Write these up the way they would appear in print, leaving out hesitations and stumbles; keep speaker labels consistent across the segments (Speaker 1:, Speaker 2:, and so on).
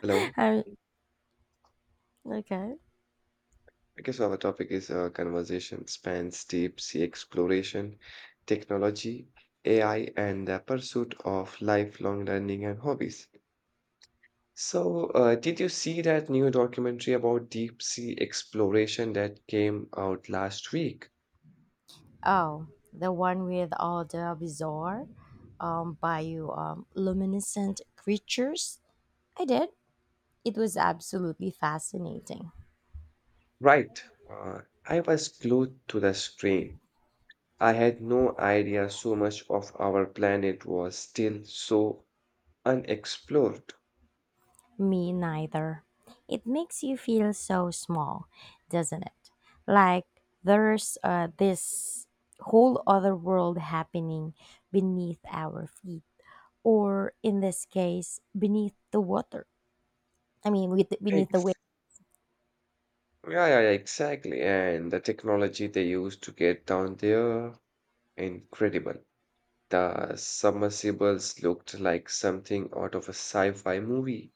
Speaker 1: Hello.
Speaker 2: I okay.
Speaker 1: I guess our topic is conversation spans deep sea exploration, technology, AI, and the pursuit of lifelong learning and hobbies. So, did you see that new documentary about deep sea exploration that came out last week?
Speaker 2: Oh, the one with all the bizarre, bio luminescent creatures. I did. It was absolutely fascinating.
Speaker 1: Right. I was glued to the screen. I had no idea so much of our planet was still so unexplored.
Speaker 2: Me neither. It makes you feel so small, doesn't it? Like there's this whole other world happening beneath our feet, or in this case, beneath the water. I mean, beneath the waves.
Speaker 1: Yeah, yeah, yeah, exactly. And the technology they used to get down there, incredible. The submersibles looked like something out of a sci-fi movie.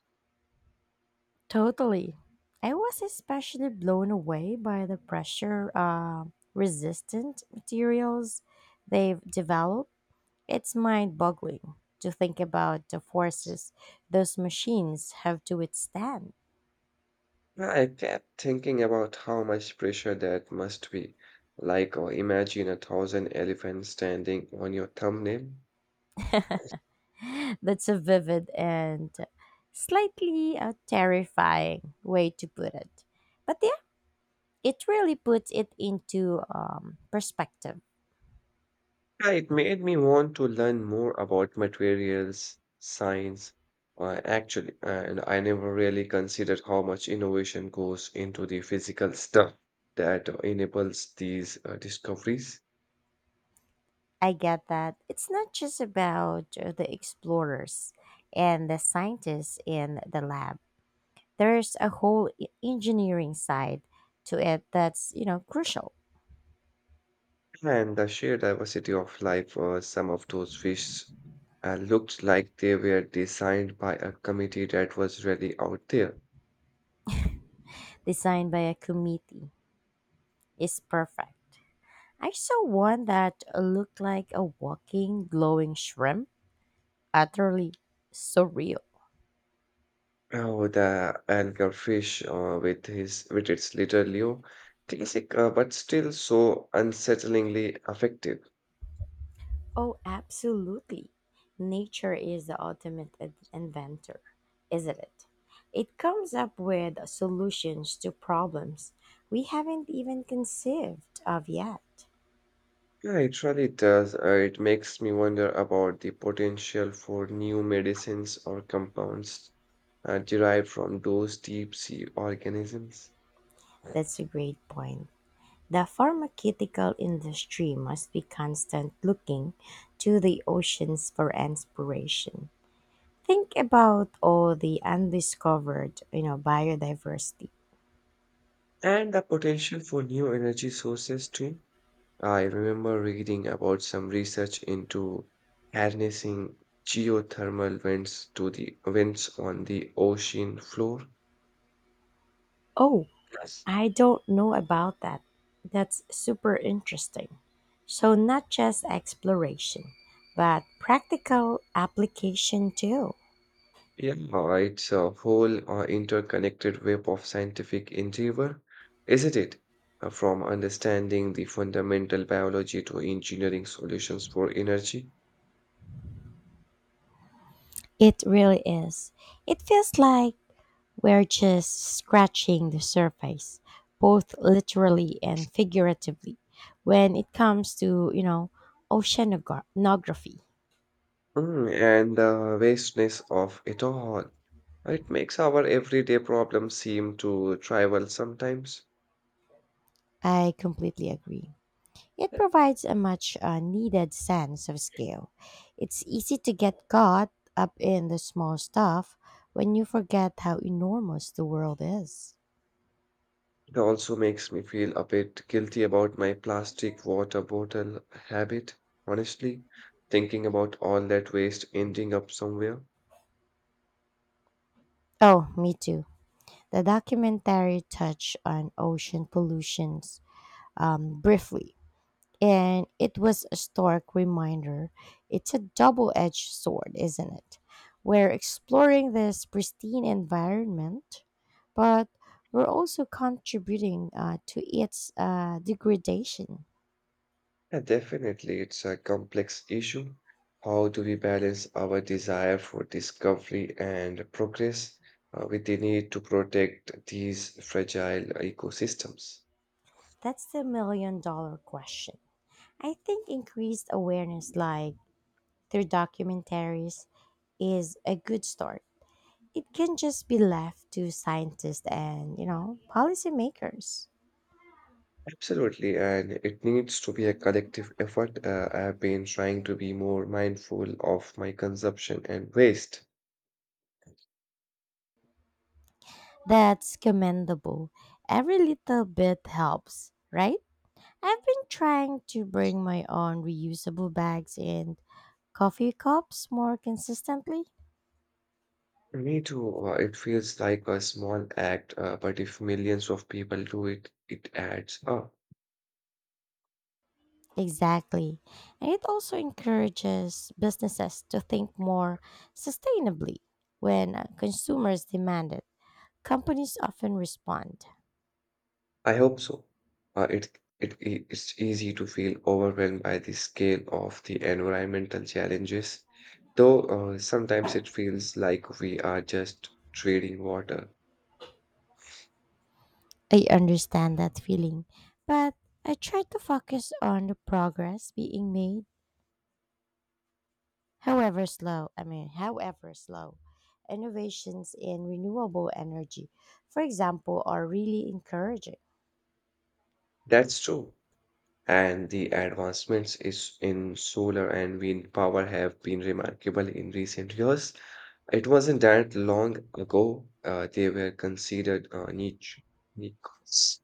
Speaker 2: Totally. I was especially blown away by the pressure resistant materials they've developed. It's mind boggling to think about the forces those machines have to withstand.
Speaker 1: Yeah, I kept thinking about how much pressure that must be. Like, or imagine a thousand elephants standing on your thumbnail.
Speaker 2: That's a vivid and slightly terrifying way to put it. But yeah, it really puts it into perspective.
Speaker 1: Yeah, it made me want to learn more about materials science. Actually, and I never really considered how much innovation goes into the physical stuff that enables these discoveries
Speaker 2: I get that. It's not just about the explorers and the scientists in the lab. There's a whole engineering side to it that's crucial.
Speaker 1: and the sheer diversity of life. Some of those fish looked like they were designed by a committee that was really out there.
Speaker 2: Designed by a committee is perfect. I saw one that looked like a walking glowing shrimp, utterly surreal.
Speaker 1: Oh, the anglerfish with its little lure, classic, but still so unsettlingly effective.
Speaker 2: Oh, absolutely. Nature is the ultimate inventor, isn't it? It comes up with solutions to problems we haven't even conceived of yet.
Speaker 1: Yeah, it really does. It makes me wonder about the potential for new medicines or compounds derived from those deep sea organisms,
Speaker 2: That's a great point. The pharmaceutical industry must be constant looking to the oceans for inspiration. Think about all the undiscovered biodiversity.
Speaker 1: and the potential for new energy sources too. I remember reading about some research into harnessing geothermal vents to the vents on the ocean floor.
Speaker 2: Oh,
Speaker 1: Yes.
Speaker 2: I don't know about that. That's super interesting. So, not just exploration, but practical application too.
Speaker 1: Yeah, it's a whole interconnected web of scientific endeavor, isn't it? From understanding the fundamental biology to engineering solutions for energy.
Speaker 2: It really is. It feels like we're just scratching the surface, both literally and figuratively, when it comes to oceanography.
Speaker 1: Mm, and the vastness of it all. It makes our everyday problems seem to trivial sometimes.
Speaker 2: I completely agree. It provides a much needed sense of scale. It's easy to get caught up in the small stuff when you forget how enormous the world is.
Speaker 1: It also makes me feel a bit guilty about my plastic water bottle habit. Honestly, thinking about all that waste ending up somewhere,
Speaker 2: Oh, me too. The documentary touched on ocean pollutions briefly, and it was a stark reminder. It's a double edged sword, isn't it? We're exploring this pristine environment, but we're also contributing to its degradation.
Speaker 1: yeah, definitely it's a complex issue. How do we balance our desire for discovery and progress with the need to protect these fragile ecosystems?
Speaker 2: That's the million dollar question. I think increased awareness, like through documentaries, is a good start. It can just be left to scientists and policymakers.
Speaker 1: Absolutely, and it needs to be a collective effort. I have been trying to be more mindful of my consumption and waste.
Speaker 2: That's commendable. Every little bit helps, right? I've been trying to bring my own reusable bags and coffee cups more consistently.
Speaker 1: Me too. It feels like a small act, but if millions of people do it, it adds up.
Speaker 2: Exactly. And it also encourages businesses to think more sustainably when consumers demand it. Companies often respond.
Speaker 1: I hope so. It's easy to feel overwhelmed by the scale of the environmental challenges, though sometimes it feels like we are just trading water.
Speaker 2: I understand that feeling, but I try to focus on the progress being made however slow, innovations in renewable energy, for example, are really encouraging.
Speaker 1: That's true. And the advancements is in solar and wind power have been remarkable in recent years. It wasn't that long ago they were considered niches.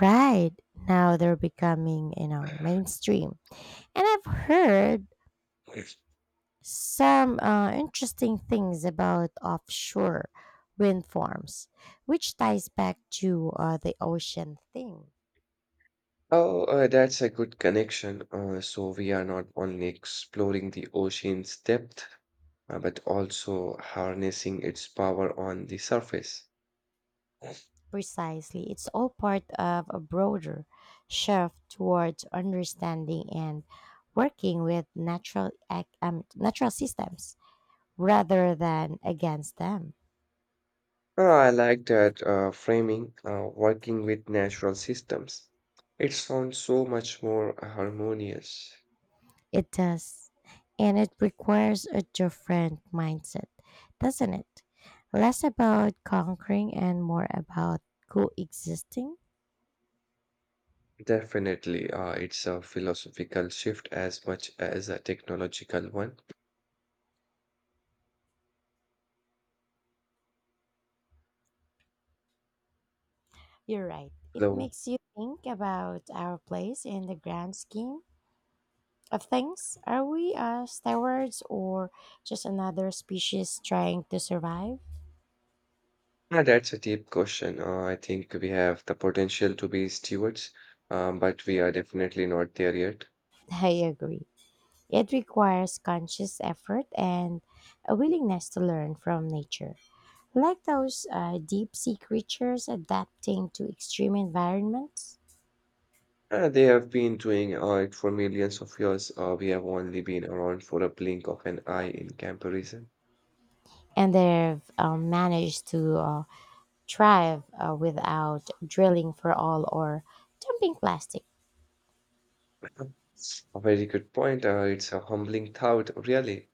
Speaker 2: Right now, they're becoming mainstream. And I've heard some interesting things about offshore wind farms, which ties back to the ocean thing.
Speaker 1: Oh, that's a good connection. So we are not only exploring the ocean's depth, but also harnessing its power on the surface.
Speaker 2: Precisely. It's all part of a broader shift towards understanding and working with natural systems rather than against them.
Speaker 1: I like that framing, working with natural systems. It sounds so much more harmonious.
Speaker 2: It does. And it requires a different mindset, doesn't it? Less about conquering and more about coexisting.
Speaker 1: Definitely, it's a philosophical shift as much as a technological one.
Speaker 2: You're right. It
Speaker 1: Hello.
Speaker 2: makes you think about our place in the grand scheme of things. Are we stewards or just another species trying to survive?
Speaker 1: Yeah, that's a deep question. I think we have the potential to be stewards, but we are definitely not there yet.
Speaker 2: I agree. It requires conscious effort and a willingness to learn from nature. Like those deep sea creatures adapting to extreme environments,
Speaker 1: They have been doing it for millions of years. We have only been around for a blink of an eye in comparison.
Speaker 2: and they've managed to thrive without drilling for oil or dumping plastic.
Speaker 1: A very good point. It's a humbling thought, really.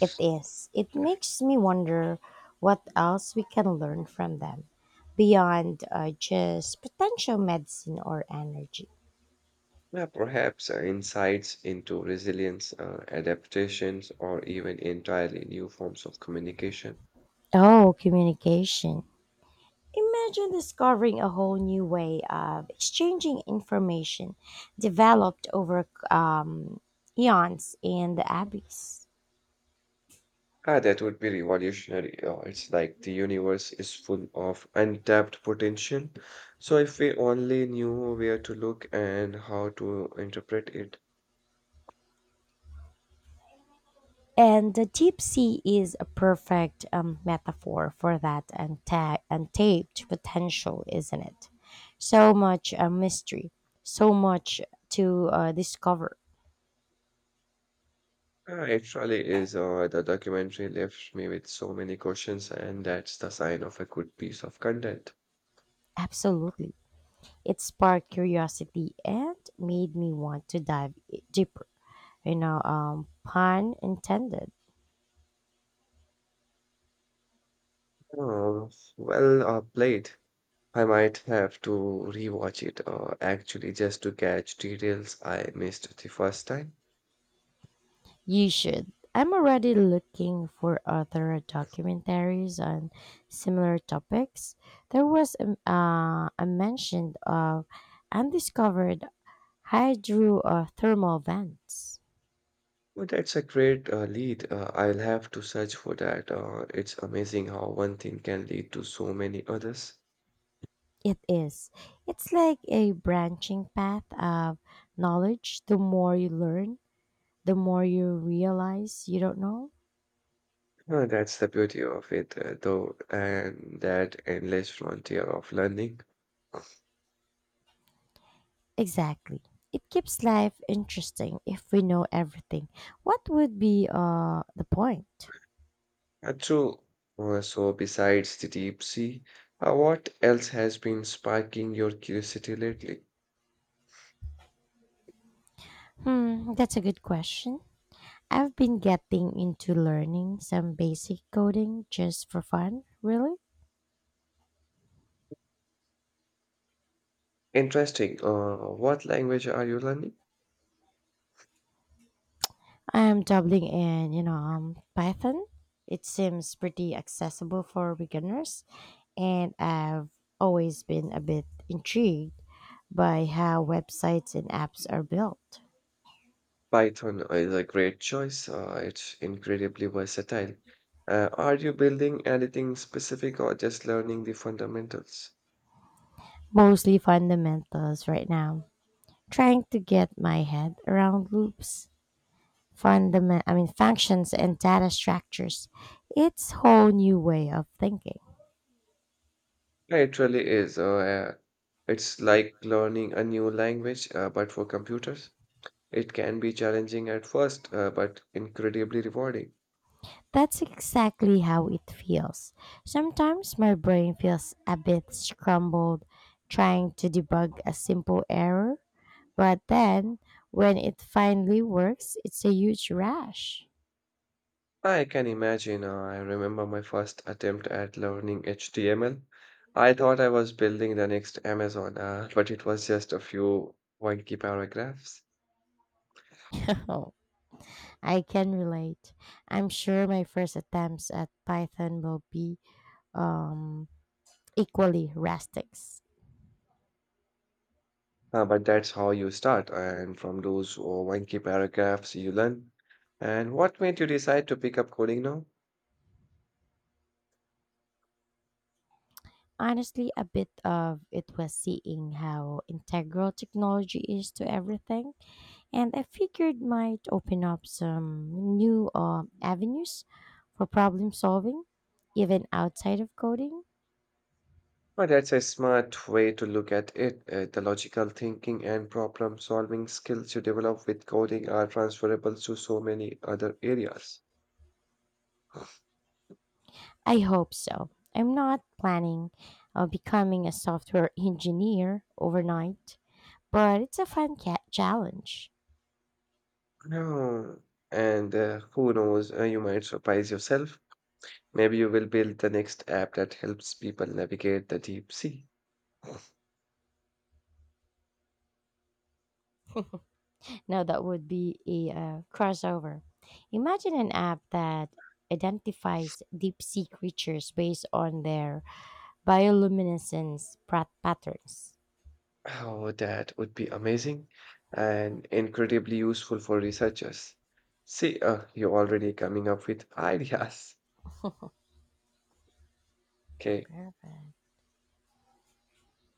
Speaker 2: It is. It makes me wonder what else we can learn from them beyond just potential medicine or energy.
Speaker 1: Yeah, perhaps insights into resilience, adaptations, or even entirely new forms of communication.
Speaker 2: Oh, communication. Imagine discovering a whole new way of exchanging information developed over eons in the abyss.
Speaker 1: Ah, that would be revolutionary. It's like the universe is full of untapped potential. So if we only knew where to look and how to interpret it,
Speaker 2: And the deep sea is a perfect metaphor for that untapped potential, isn't it? So much mystery, so much to discover.
Speaker 1: ah, it really is. The documentary left me with so many questions, and that's the sign of a good piece of content.
Speaker 2: Absolutely. It sparked curiosity and made me want to dive deeper, pun intended.
Speaker 1: Oh, well played. I might have to rewatch it actually just to catch details I missed the first time.
Speaker 2: You should. I'm already looking for other documentaries on similar topics. There was a mention of undiscovered hydrothermal vents.
Speaker 1: Well, that's a great lead. I'll have to search for that. It's amazing how one thing can lead to so many others.
Speaker 2: It is. It's like a branching path of knowledge. The more you learn, the more you realize you don't know.
Speaker 1: That's the beauty of it, though, and that endless frontier of learning.
Speaker 2: Exactly. It keeps life interesting if we know everything. What would be the point?
Speaker 1: True. So, besides the deep sea, what else has been sparking your curiosity lately?
Speaker 2: Hmm, that's a good question. I've been getting into learning some basic coding just for fun, really.
Speaker 1: Interesting. What language are you learning?
Speaker 2: I am dabbling in Python. It seems pretty accessible for beginners, and I've always been a bit intrigued by how websites and apps are built.
Speaker 1: Python is a great choice. It's incredibly versatile. Are you building anything specific or just learning the fundamentals?
Speaker 2: Mostly fundamentals right now, trying to get my head around loops fundament I mean functions and data structures. It's whole new way of thinking.
Speaker 1: Yeah, it really is. It's like learning a new language, but for computers. It can be challenging at first, but incredibly rewarding.
Speaker 2: That's exactly how it feels. Sometimes my brain feels a bit scrambled trying to debug a simple error, but then when it finally works, it's a huge rush.
Speaker 1: I can imagine. I remember my first attempt at learning HTML. I thought I was building the next Amazon, but it was just a few wonky paragraphs.
Speaker 2: Oh, I can relate. I'm sure my first attempts at Python will be um, equally rustic.
Speaker 1: But that's how you start, and from those wonky paragraphs you learn. And what made you decide to pick up coding now?
Speaker 2: Honestly, a bit of it was seeing how integral technology is to everything, and I figured might open up some new avenues for problem solving, even outside of coding.
Speaker 1: Well, that's a smart way to look at it. The logical thinking and problem solving skills you develop with coding are transferable to so many other areas.
Speaker 2: I hope so. I'm not planning on becoming a software engineer overnight, but it's a fun challenge.
Speaker 1: No. And who knows, you might surprise yourself. Maybe you will build the next app that helps people navigate the deep sea.
Speaker 2: Now that would be a crossover. Imagine an app that identifies deep sea creatures based on their bioluminescence patterns.
Speaker 1: Oh, that would be amazing and incredibly useful for researchers. See, you're already coming up with ideas. Okay.
Speaker 2: Perfect.